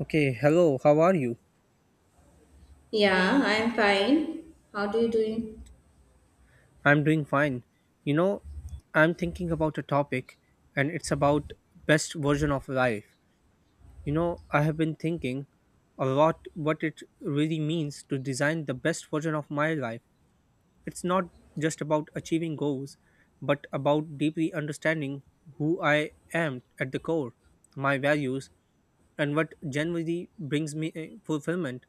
Okay, hello, how are you? Yeah, I'm fine. How do you doing? I'm doing fine. You know, I'm thinking about a topic and it's about best version of life. You know, I have been thinking a lot what it really means to design the best version of my life. It's not just about achieving goals, but about deeply understanding who I am at the core, my values, and what genuinely brings me fulfillment.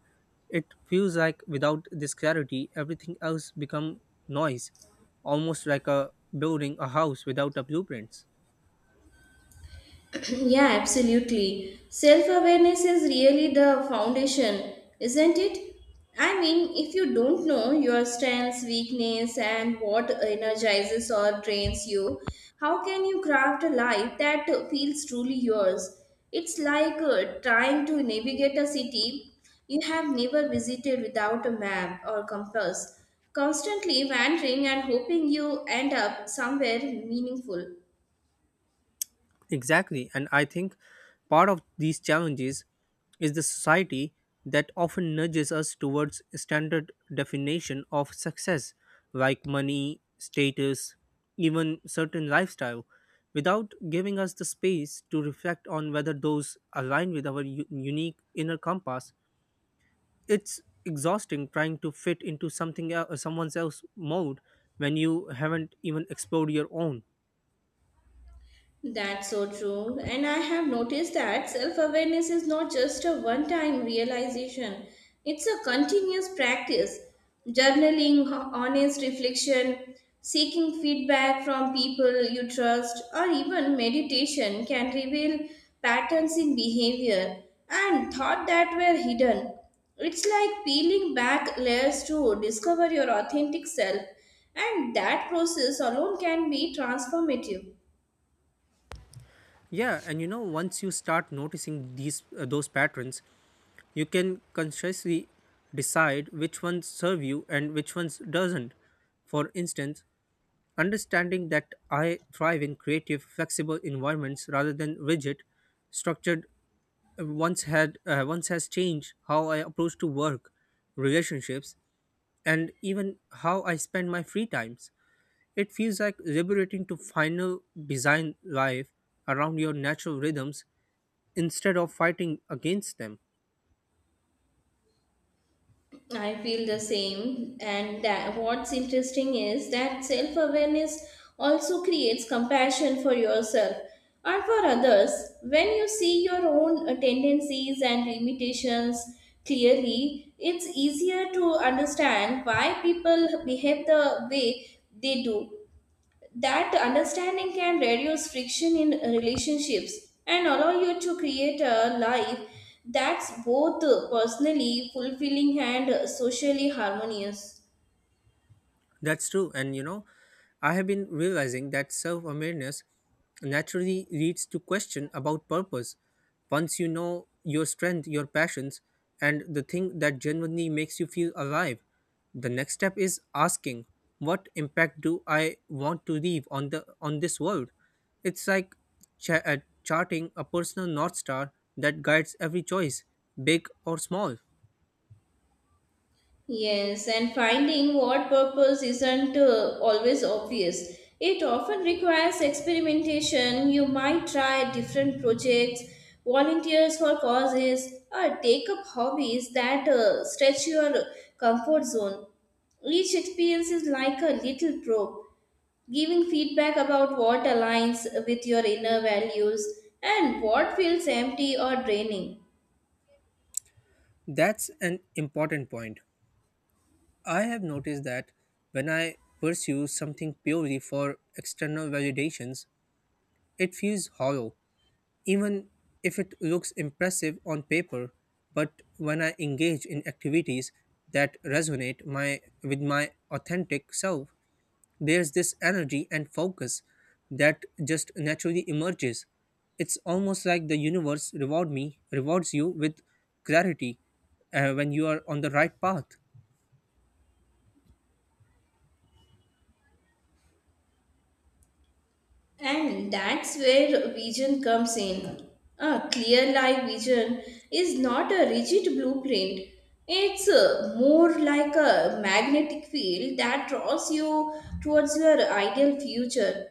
It feels like without this clarity, everything else become noise, almost like a building a house without a blueprint. yeah, absolutely. Self awareness is really the foundation, isn't it? I mean, if you don't know your strengths, weakness, and what energizes or drains you, how can you craft a life that feels truly yours? It's like trying to navigate a city you have never visited without a map or compass, constantly wandering and hoping you end up somewhere meaningful. Exactly. And I think part of these challenges is the society that often nudges us towards standard definition of success, like money, status, even certain lifestyle, without giving us the space to reflect on whether those align with our unique inner compass. It's exhausting trying to fit into something else, someone else's mold when you haven't even explored your own. That's so true. And I have noticed that self awareness is not just a one time realization, it's a continuous practice. Journaling, honest reflection, seeking feedback from people you trust, or even meditation can reveal patterns in behavior and thought that were hidden. It's like peeling back layers to discover your authentic self, and that process alone can be transformative. Yeah, and you know, once you start noticing these those patterns, you can consciously decide which ones serve you and which ones doesn't. For instance, understanding that I thrive in creative, flexible environments rather than rigid, structured once has changed how I approach to work, relationships, and even how I spend my free times. It feels like liberating to final design life around your natural rhythms instead of fighting against them. I feel the same, and that what's interesting is that self awareness also creates compassion for yourself and for others. When you see your own tendencies and limitations clearly, it's easier to understand why people behave the way they do that understanding can reduce friction in relationships and allow you to create a life that's both personally fulfilling and socially harmonious. That's true. And you know, I have been realizing that self awareness naturally leads to question about purpose. Once you know your strength, your passions, and the thing that genuinely makes you feel alive, the next step is asking, what impact do I want to leave on this world? It's like cha- uh, charting a personal north star that guides every choice, big or small. Yes, and finding what purpose isn't always obvious. It often requires experimentation. You might try different projects, volunteers for causes, or take up hobbies that stretch your comfort zone. Each experience is like a little probe, giving feedback about what aligns with your inner values and what feels empty or draining. That's an important point I have noticed that when I pursue something purely for external validations, it feels hollow, even if it looks impressive on paper. But when I engage in activities that resonate with my authentic self, there's this energy and focus that just naturally emerges. It's almost like the universe rewards you with clarity when you are on the right path. And that's where vision comes in. A clear life vision is not a rigid blueprint. It's more like a magnetic field that draws you towards your ideal future.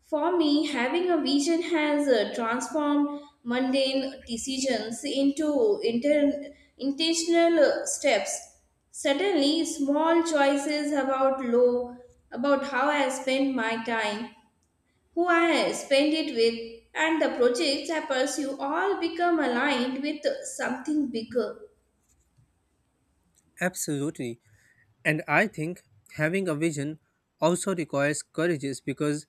For me, having a vision has transformed mundane decisions into intentional steps. Suddenly, small choices about low, about how I spend my time who I spend it with, and the projects I pursue all become aligned with something bigger. Absolutely. And I think having a vision also requires courage because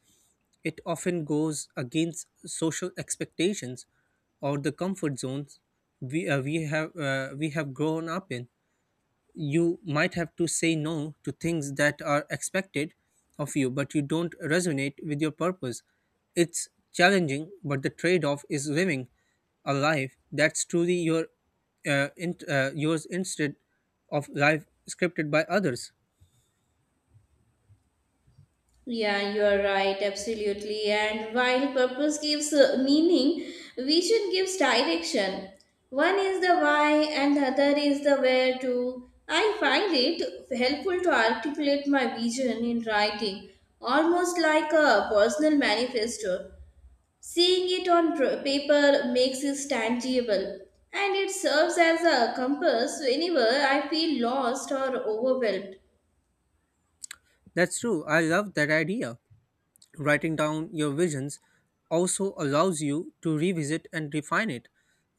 it often goes against social expectations or the comfort zones we have grown up in. You might have to say no to things that are expected of you but you don't resonate with your purpose. It's challenging but the trade off is living a life that's truly yours instead of life scripted by others. Yeah, you are right, absolutely. And while purpose gives meaning, vision gives direction. One is the why, and the other is the where to. I find it helpful to articulate my vision in writing, almost like a personal manifesto. Seeing it on paper makes it tangible and it serves as a compass whenever I feel lost or overwhelmed. That's true, I love that idea. Writing down your visions also allows you to revisit and refine it.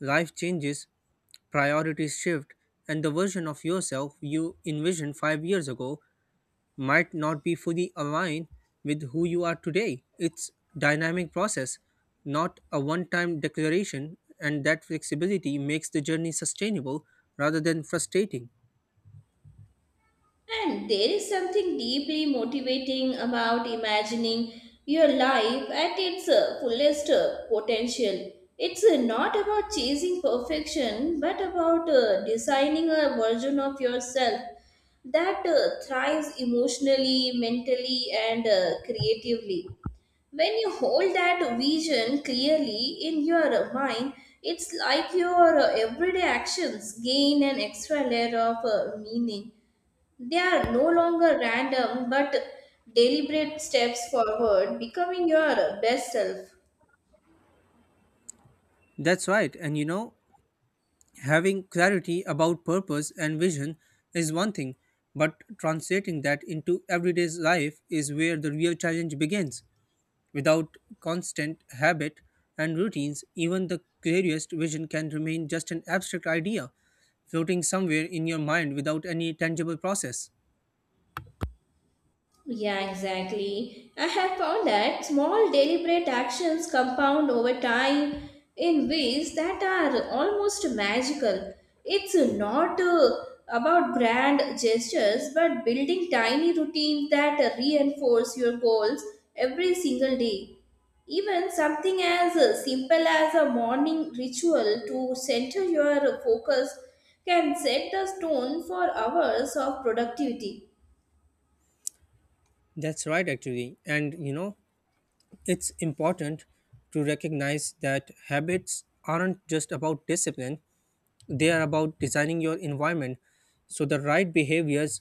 Life changes, priorities shift, and the version of yourself you envisioned 5 years ago might not be fully aligned with who you are today. It's dynamic process, not a one-time declaration, and that flexibility makes the journey sustainable rather than frustrating. And there is something deeply motivating about imagining your life at its fullest potential. It's not about chasing perfection but about designing a version of yourself that thrives emotionally, mentally, and creatively. When you hold that vision clearly in your mind, it's like your everyday actions gain an extra layer of meaning. They are no longer random but deliberate steps forward, becoming your best self. That's right. And you know, having clarity about purpose and vision is one thing, but translating that into everyday life is where the real challenge begins. Without constant habit and routines, even the clearest vision can remain just an abstract idea floating somewhere in your mind without any tangible process. Yeah, exactly. I have found that small deliberate actions compound over time in ways that are almost magical. It's not about grand gestures, but building tiny routines that reinforce your goals every single day. Even something as simple as a morning ritual to center your focus can set the tone for hours of productivity. That's right, actually. And you know, it's important to recognize that habits aren't just about discipline, they are about designing your environment so the right behaviors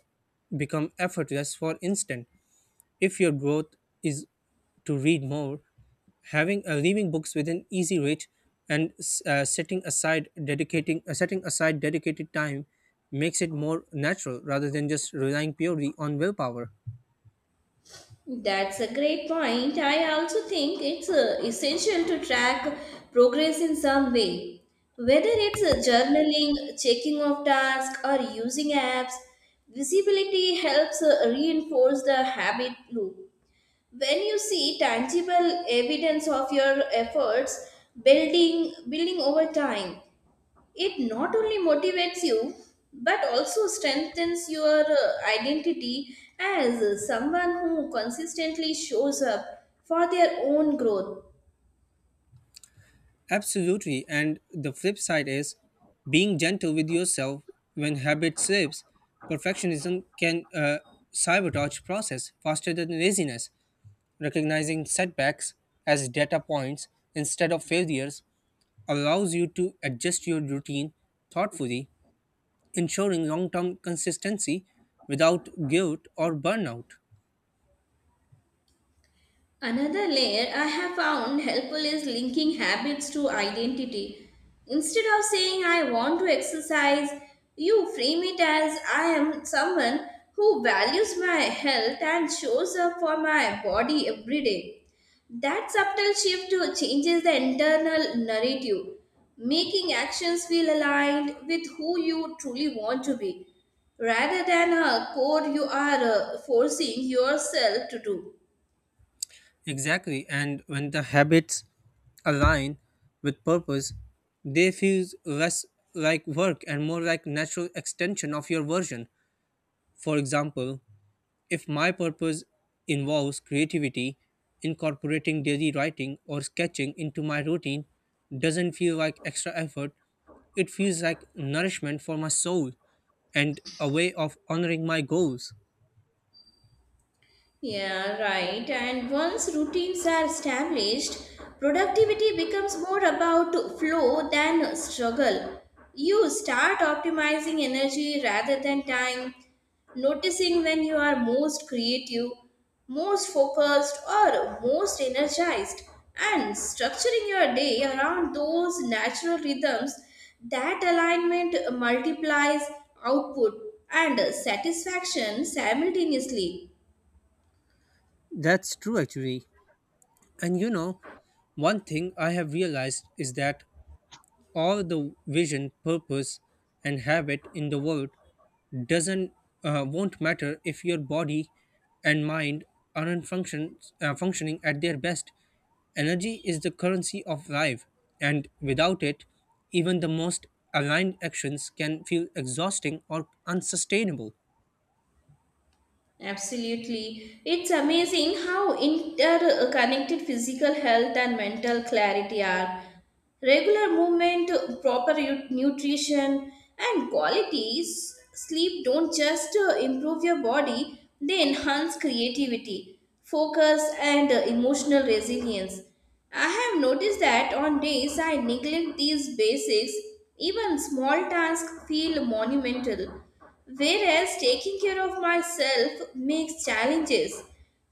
become effortless for instant. If your growth is to read more, having leaving books within easy reach and setting aside dedicated time makes it more natural rather than just relying purely on willpower. That's a great point. I also think it's essential to track progress in some way. Whether it's journaling, checking of tasks, or using apps, visibility helps reinforce the habit loop. When you see tangible evidence of your efforts building over time, it not only motivates you but also strengthens your identity as someone who consistently shows up for their own growth. Absolutely, and the flip side is being gentle with yourself when habit slips. Perfectionism can sabotage process faster than laziness. Recognizing setbacks as data points instead of failures allows you to adjust your routine thoughtfully, ensuring long term consistency without guilt or burnout. Another layer I have found helpful is linking habits to identity. Instead of saying I want to exercise, you frame it as I am someone who values my health and shows up for my body every day. That subtle shift to changes the internal narrative, making actions feel aligned with who you truly want to be, rather than a core you are forcing yourself to do. Exactly, and when the habits align with purpose, they feel less like work and more like natural extension of your version. For example, if my purpose involves creativity, incorporating daily writing or sketching into my routine doesn't feel like extra effort. It feels like nourishment for my soul and a way of honoring my goals. Yeah, right. And once routines are established, productivity becomes more about flow than struggle. You start optimizing energy rather than time, noticing when you are most creative, most focused, or most energized, and structuring your day around those natural rhythms. That alignment multiplies output and satisfaction simultaneously. That's true, actually. And you know, one thing I have realized is that all the vision, purpose, and habit in the world doesn't won't matter if your body and mind aren't functioning at their best. Energy is the currency of life, and without it, even the most aligned actions can feel exhausting or unsustainable. Absolutely. It's amazing how interconnected physical health and mental clarity are. Regular movement, proper nutrition, and quality sleep don't just improve your body, they enhance creativity, focus, and emotional resilience. I have noticed that on days I neglect these basics, even small tasks feel monumental, whereas taking care of myself makes challenges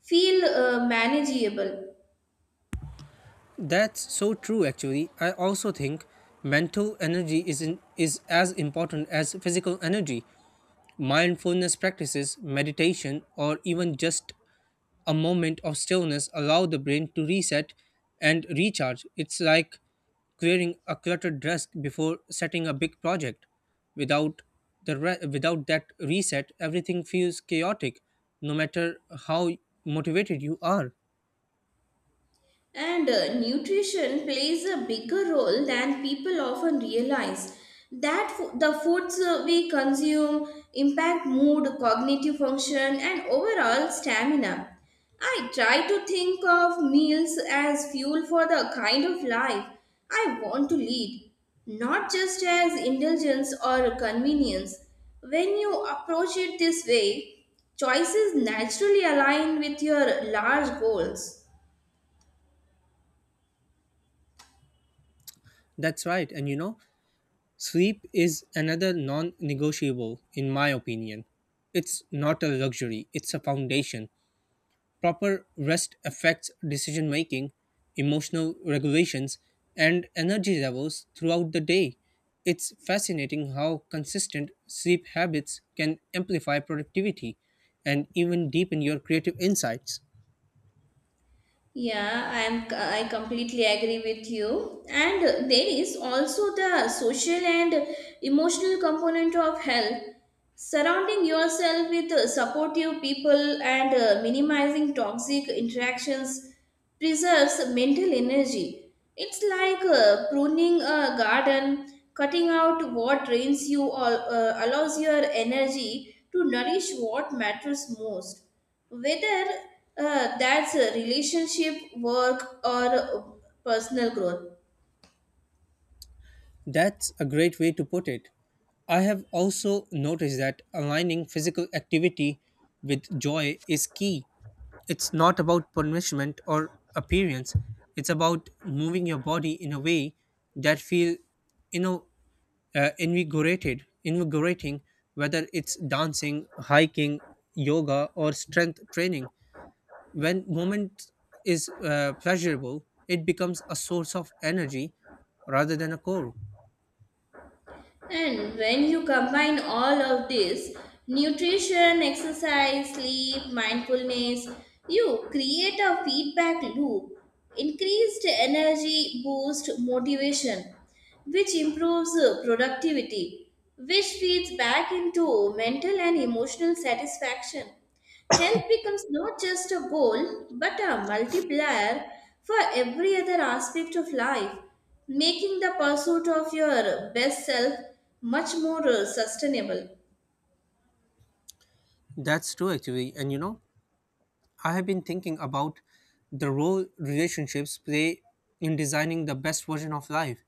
feel manageable. That's so true actually. I also think mental energy is as important as physical energy. Mindfulness practices, meditation, or even just a moment of stillness allow the brain to reset and recharge. It's like clearing a cluttered desk before setting a big project. Without without that reset, everything feels chaotic, no matter how motivated you are. And nutrition plays a bigger role than people often realize. That the foods we consume impact mood, cognitive function, and overall stamina. I try to think of meals as fuel for the kind of life I want to lead, not just as indulgence or convenience. When you approach it this way, choices naturally align with your large goals. That's right. And you know, sleep is another non negotiable, in my opinion. It's not a luxury, it's a foundation. Proper rest affects decision making, emotional regulations, and energy levels throughout the day. It's fascinating how consistent sleep habits can amplify productivity and even deepen your creative insights. Yeah, I completely agree with you. And there is also the social and emotional component of health. Surrounding yourself with supportive people and minimizing toxic interactions preserves mental energy. It's like pruning a garden, cutting out what drains you or allows your energy to nourish what matters most whether that's a relationship, work, or personal growth. That's a great way to put it. I have also noticed that aligning physical activity with joy is key. It's not about punishment or appearance. It's about moving your body in a way that feel, you know, invigorating. Whether it's dancing, hiking, yoga, or strength training, when moment is pleasurable, it becomes a source of energy rather than a core. And when you combine all of this nutrition, exercise, sleep, mindfulness you create a feedback loop, increased energy, boost motivation, which improves productivity, which feeds back into mental and emotional satisfaction. Health becomes not just a goal, but a multiplier for every other aspect of life, making the pursuit of your best self much more sustainable. That's true, actually. And you know, I have been thinking about the role relationships play in designing the best version of life.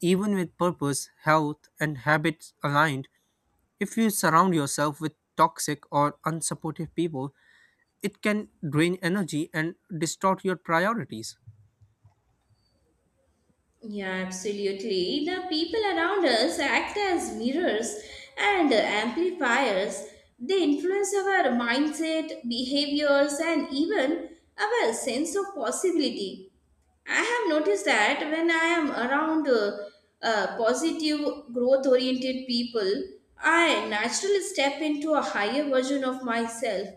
Even with purpose, health, and habits aligned, if you surround yourself with toxic or unsupportive people, it can drain energy and distort your priorities. Yeah, absolutely. The people around us act as mirrors and amplifiers. They influence our mindset, behaviors, and even our sense of possibility. I have noticed that when I am around positive, growth oriented people, I naturally step into a higher version of myself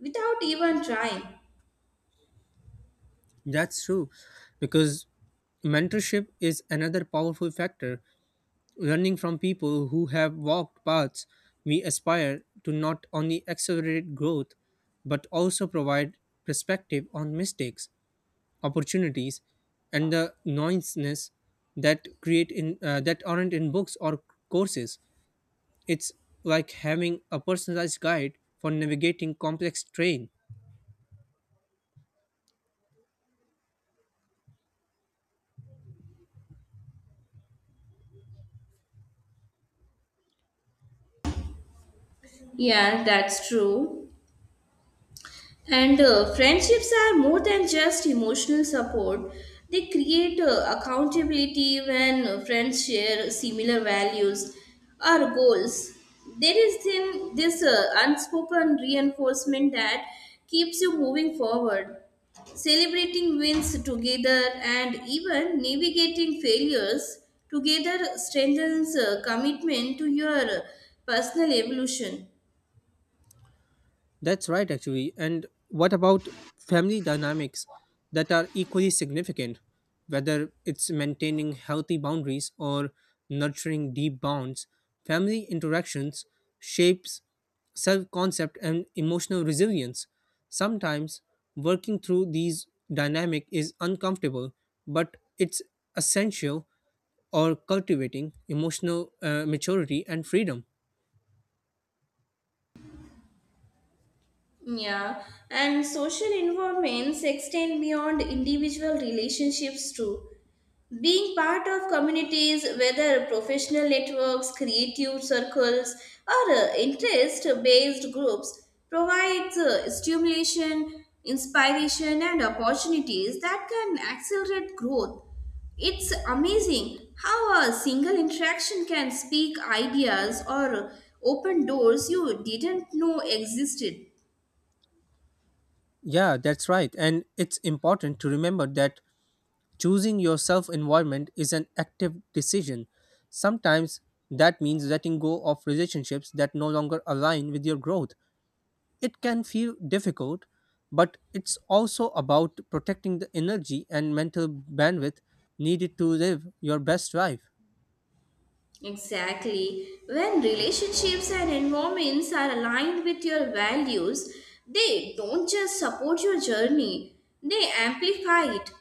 without even trying. That's true, because mentorship is another powerful factor. Learning from people who have walked paths we aspire to not only accelerate growth but also provide perspective on mistakes, opportunities, and the noisiness that aren't in books or courses. It's like having a personalized guide for navigating complex terrain. Yeah, that's true. And friendships are more than just emotional support. They create accountability when friends share similar values or goals. There is then this unspoken reinforcement that keeps you moving forward. Celebrating wins together and even navigating failures together strengthens commitment to your personal evolution. That's right, actually. And what about family dynamics that are equally significant? Whether it's maintaining healthy boundaries or nurturing deep bonds, family interactions shapes self-concept and emotional resilience. Sometimes working through these dynamic is uncomfortable, but it's essential or cultivating emotional maturity and freedom. Yeah, and social involvements extend beyond individual relationships too. Being part of communities, whether professional networks, creative circles, or interest based groups, provides stimulation, inspiration, and opportunities that can accelerate growth. It's amazing how a single interaction can speak ideas or open doors you didn't know existed. Yeah, that's right. And it's important to remember that choosing your self environment is an active decision. Sometimes that means letting go of relationships that no longer align with your growth. It can feel difficult, but it's also about protecting the energy and mental bandwidth needed to live your best life. Exactly. When relationships and environments are aligned with your values, they don't just support your journey, they amplify it.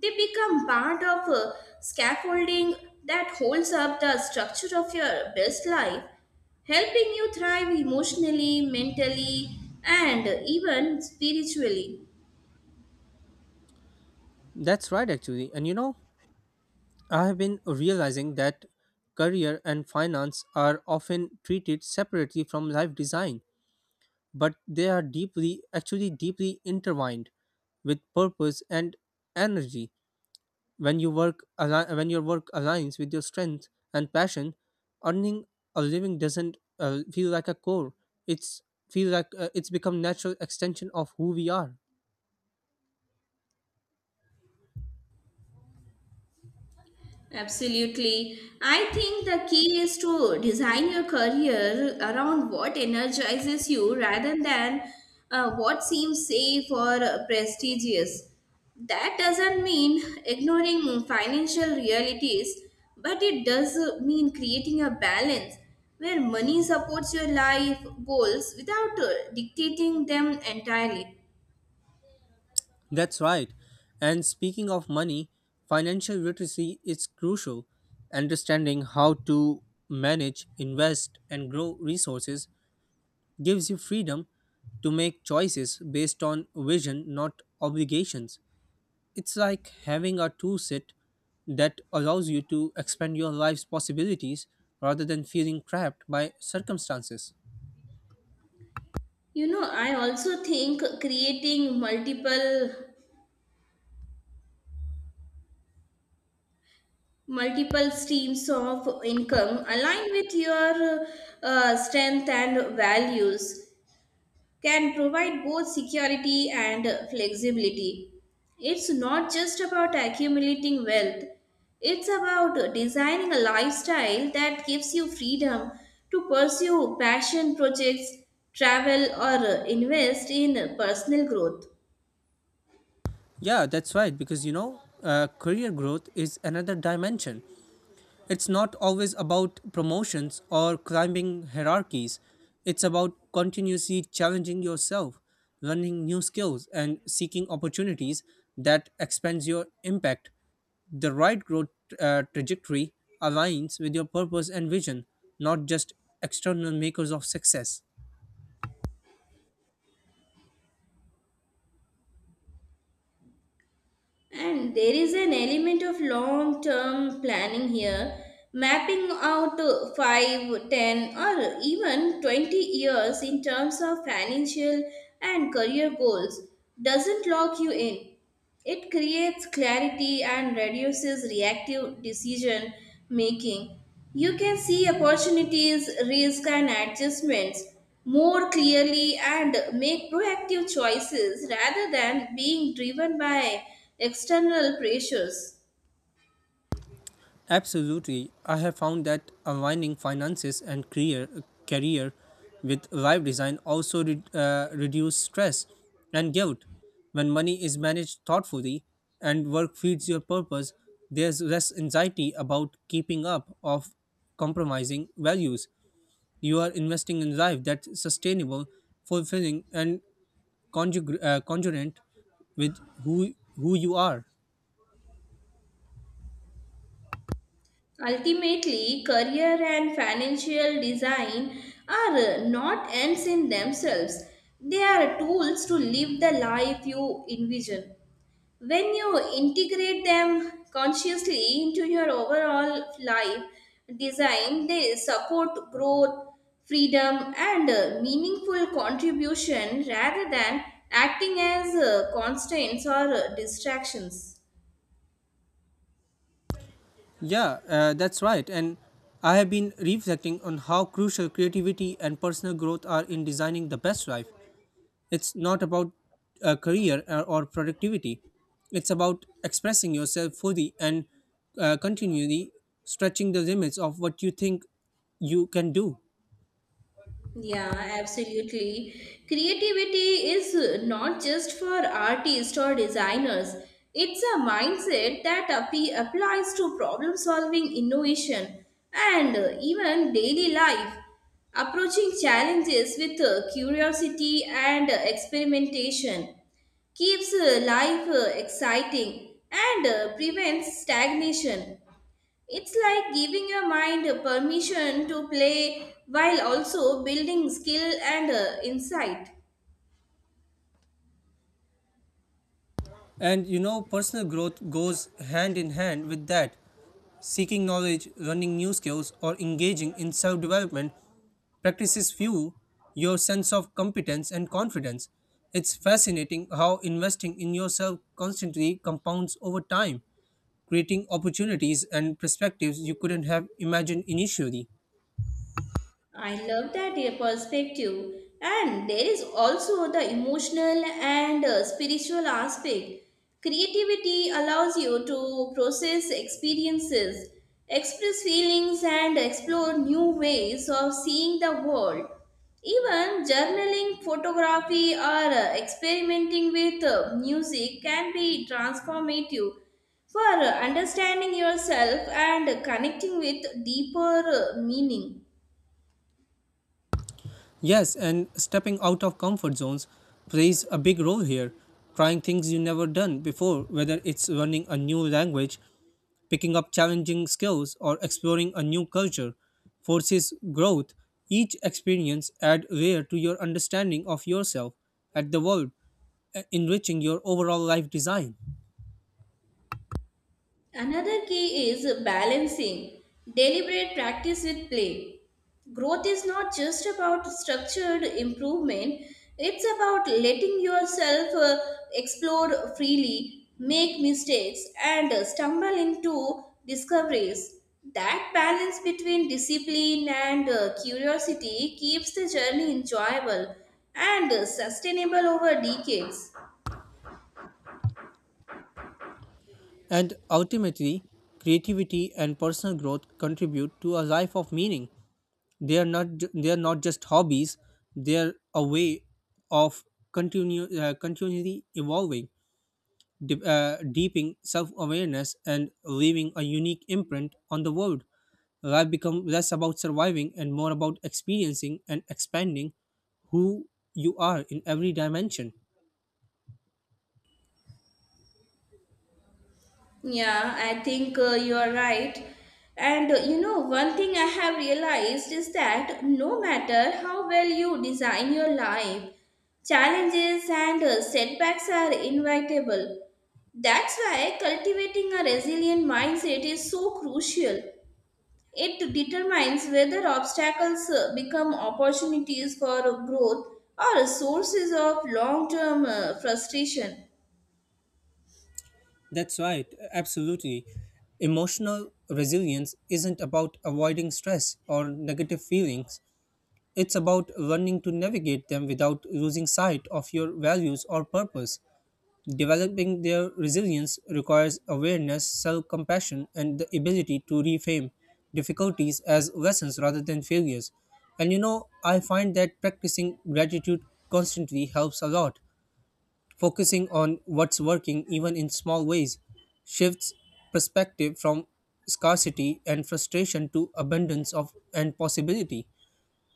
They become part of a scaffolding that holds up the structure of your best life, helping you thrive emotionally, mentally, and even spiritually. That's right, actually. And you know, I have been realizing that career and finance are often treated separately from life design, but they are deeply, actually deeply intertwined with purpose and energy. When your work aligns with your strength and passion, earning a living doesn't feel like a chore. It's feel like it's become natural extension of who we are. Absolutely. I think the key is to design your career around what energizes you rather than what seems safe or prestigious. That doesn't mean ignoring financial realities, but it does mean creating a balance where money supports your life goals without dictating them entirely. That's right. And speaking of money, financial literacy is crucial. Understanding how to manage, invest, and grow resources gives you freedom to make choices based on vision, not obligations. It's like having a toolset that allows you to expand your life's possibilities rather than feeling trapped by circumstances. You know, I also think creating multiple streams of income aligned with your strength and values can provide both security and flexibility. It's not just about accumulating wealth, it's about designing a lifestyle that gives you freedom to pursue passion projects, travel, or invest in personal growth. Yeah, that's right, because you know, career growth is another dimension. It's not always about promotions or climbing hierarchies. It's about continuously challenging yourself, learning new skills, and seeking opportunities that expands your impact. The right growth trajectory aligns with your purpose and vision, not just external makers of success. And there is an element of long term planning here, mapping out 5, 10, or even 20 years in terms of financial and career goals doesn't lock you in. It creates clarity and reduces reactive decision making. You can see opportunities, risk, and adjustments more clearly and make proactive choices rather than being driven by external pressures. Absolutely. I have found that aligning finances and career, career with life design also reduce stress and guilt. When money is managed thoughtfully and work feeds your purpose, there's less anxiety about keeping up of compromising values. You are investing in life that's sustainable, fulfilling, and congruent with who you are. Ultimately, career and financial design are not ends in themselves, they are tools to live the life you envision. When you integrate them consciously into your overall life design, they support growth, freedom, and meaningful contribution rather than acting as constraints or distractions. Yeah, that's right. And I have been reflecting on how crucial creativity and personal growth are in designing the best life. It's not about a career or productivity, it's about expressing yourself fully and continually stretching the limits of what you think you can do. Yeah, absolutely. Creativity is not just for artists or designers. It's a mindset that applies to problem solving, innovation, and even daily life. Approaching challenges with curiosity and experimentation keeps life exciting and prevents stagnation. It's like giving your mind permission to play while also building skill and insight. And you know, personal growth goes hand in hand with that. Seeking knowledge, learning new skills, or engaging in self development practices fuel your sense of competence and confidence. It's fascinating how investing in yourself constantly compounds over time, creating opportunities and perspectives you couldn't have imagined initially. I love that perspective. And there is also the emotional and spiritual aspect. Creativity allows you to process experiences, express feelings, and explore new ways of seeing the world. Even journaling, photography, or experimenting with music can be transformative for understanding yourself and connecting with deeper meaning. Yes, and stepping out of comfort zones plays a big role here. Trying things you never done before, whether it's learning a new language, picking up challenging skills or exploring a new culture forces growth. Each experience adds layer to your understanding of yourself and the world, enriching your overall life design. Another key is balancing deliberate practice with play. Growth is not just about structured improvement, it's about letting yourself explore freely, make mistakes, and stumble into discoveries. That balance between discipline and curiosity keeps the journey enjoyable and sustainable over decades. And ultimately, creativity and personal growth contribute to a life of meaning. They are not just hobbies; they are a way of continue continually evolving, deeping self awareness and leaving a unique imprint on the world. Life become less about surviving and more about experiencing and expanding who you are in every dimension. Yeah, I think you are right. And you know, one thing I have realized is that no matter how well you design your life, challenges and setbacks are inevitable. That's why cultivating a resilient mindset is so crucial. It determines whether obstacles become opportunities for growth or sources of long term frustration. That's right, absolutely. Emotional resilience isn't about avoiding stress or negative feelings. It's about learning to navigate them without losing sight of your values or purpose. Developing their resilience requires awareness, self compassion, and the ability to reframe difficulties as lessons rather than failures. And you know, I find that practicing gratitude constantly helps a lot. Focusing on what's working, even in small ways, shifts perspective from scarcity and frustration to abundance of and possibility.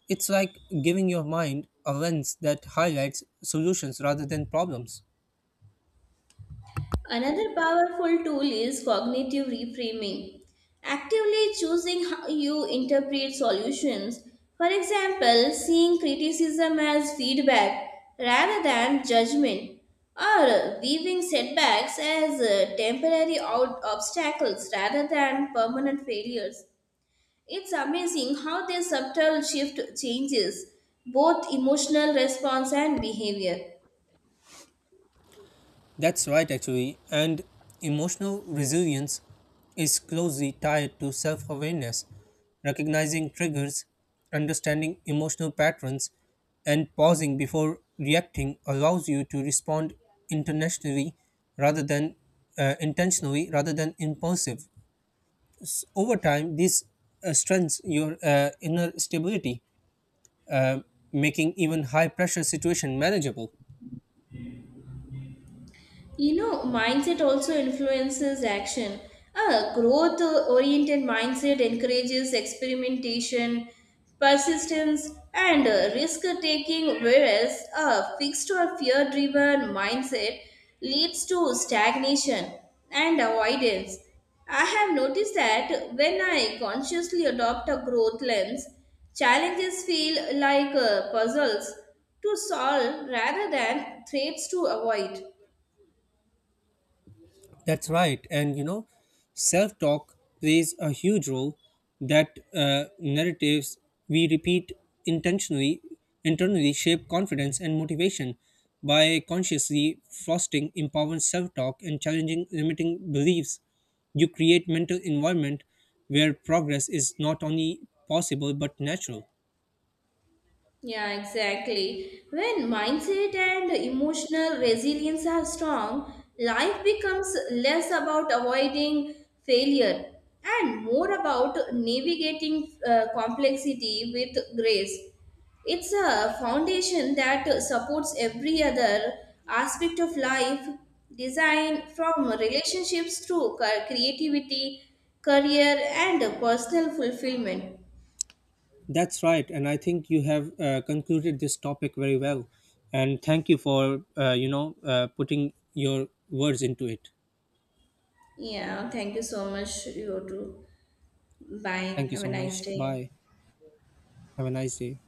It's like giving your mind a lens that highlights solutions rather than problems. Another powerful tool is cognitive reframing, actively choosing how you interpret solutions. For example, seeing criticism as feedback rather than judgment, or viewing setbacks as temporary obstacles rather than permanent failures. It's amazing how this subtle shift changes both emotional response and behavior. That's right, actually. And emotional resilience is closely tied to self awareness, recognizing triggers, understanding emotional patterns, and pausing before reacting allows you to respond intentionally rather than impulsive. Over time, this strengthens your inner stability, making even high pressure situation manageable. You know, mindset also influences action. A growth oriented mindset encourages experimentation, persistence, and risk taking, whereas a fixed or fear driven mindset leads to stagnation and avoidance. I have noticed that when I consciously adopt a growth lens, challenges feel like puzzles to solve rather than threats to avoid. That's right. And you know, self talk plays a huge role that narratives we repeat intentionally, internally shape confidence and motivation by consciously fostering empowering self talk and challenging limiting beliefs. You create mental environment where progress is not only possible but natural. Yeah, exactly. When mindset and emotional resilience are strong, life becomes less about avoiding failure and more about navigating complexity with grace. It's a foundation that supports every other aspect of life, design from relationships to creativity, career, and personal fulfillment. That's right, and I think you have concluded this topic very well. And thank you for putting your words into it. Yeah, thank you so much, you too. Bye. Thank you Have a so nice much. day. Bye. Have a nice day.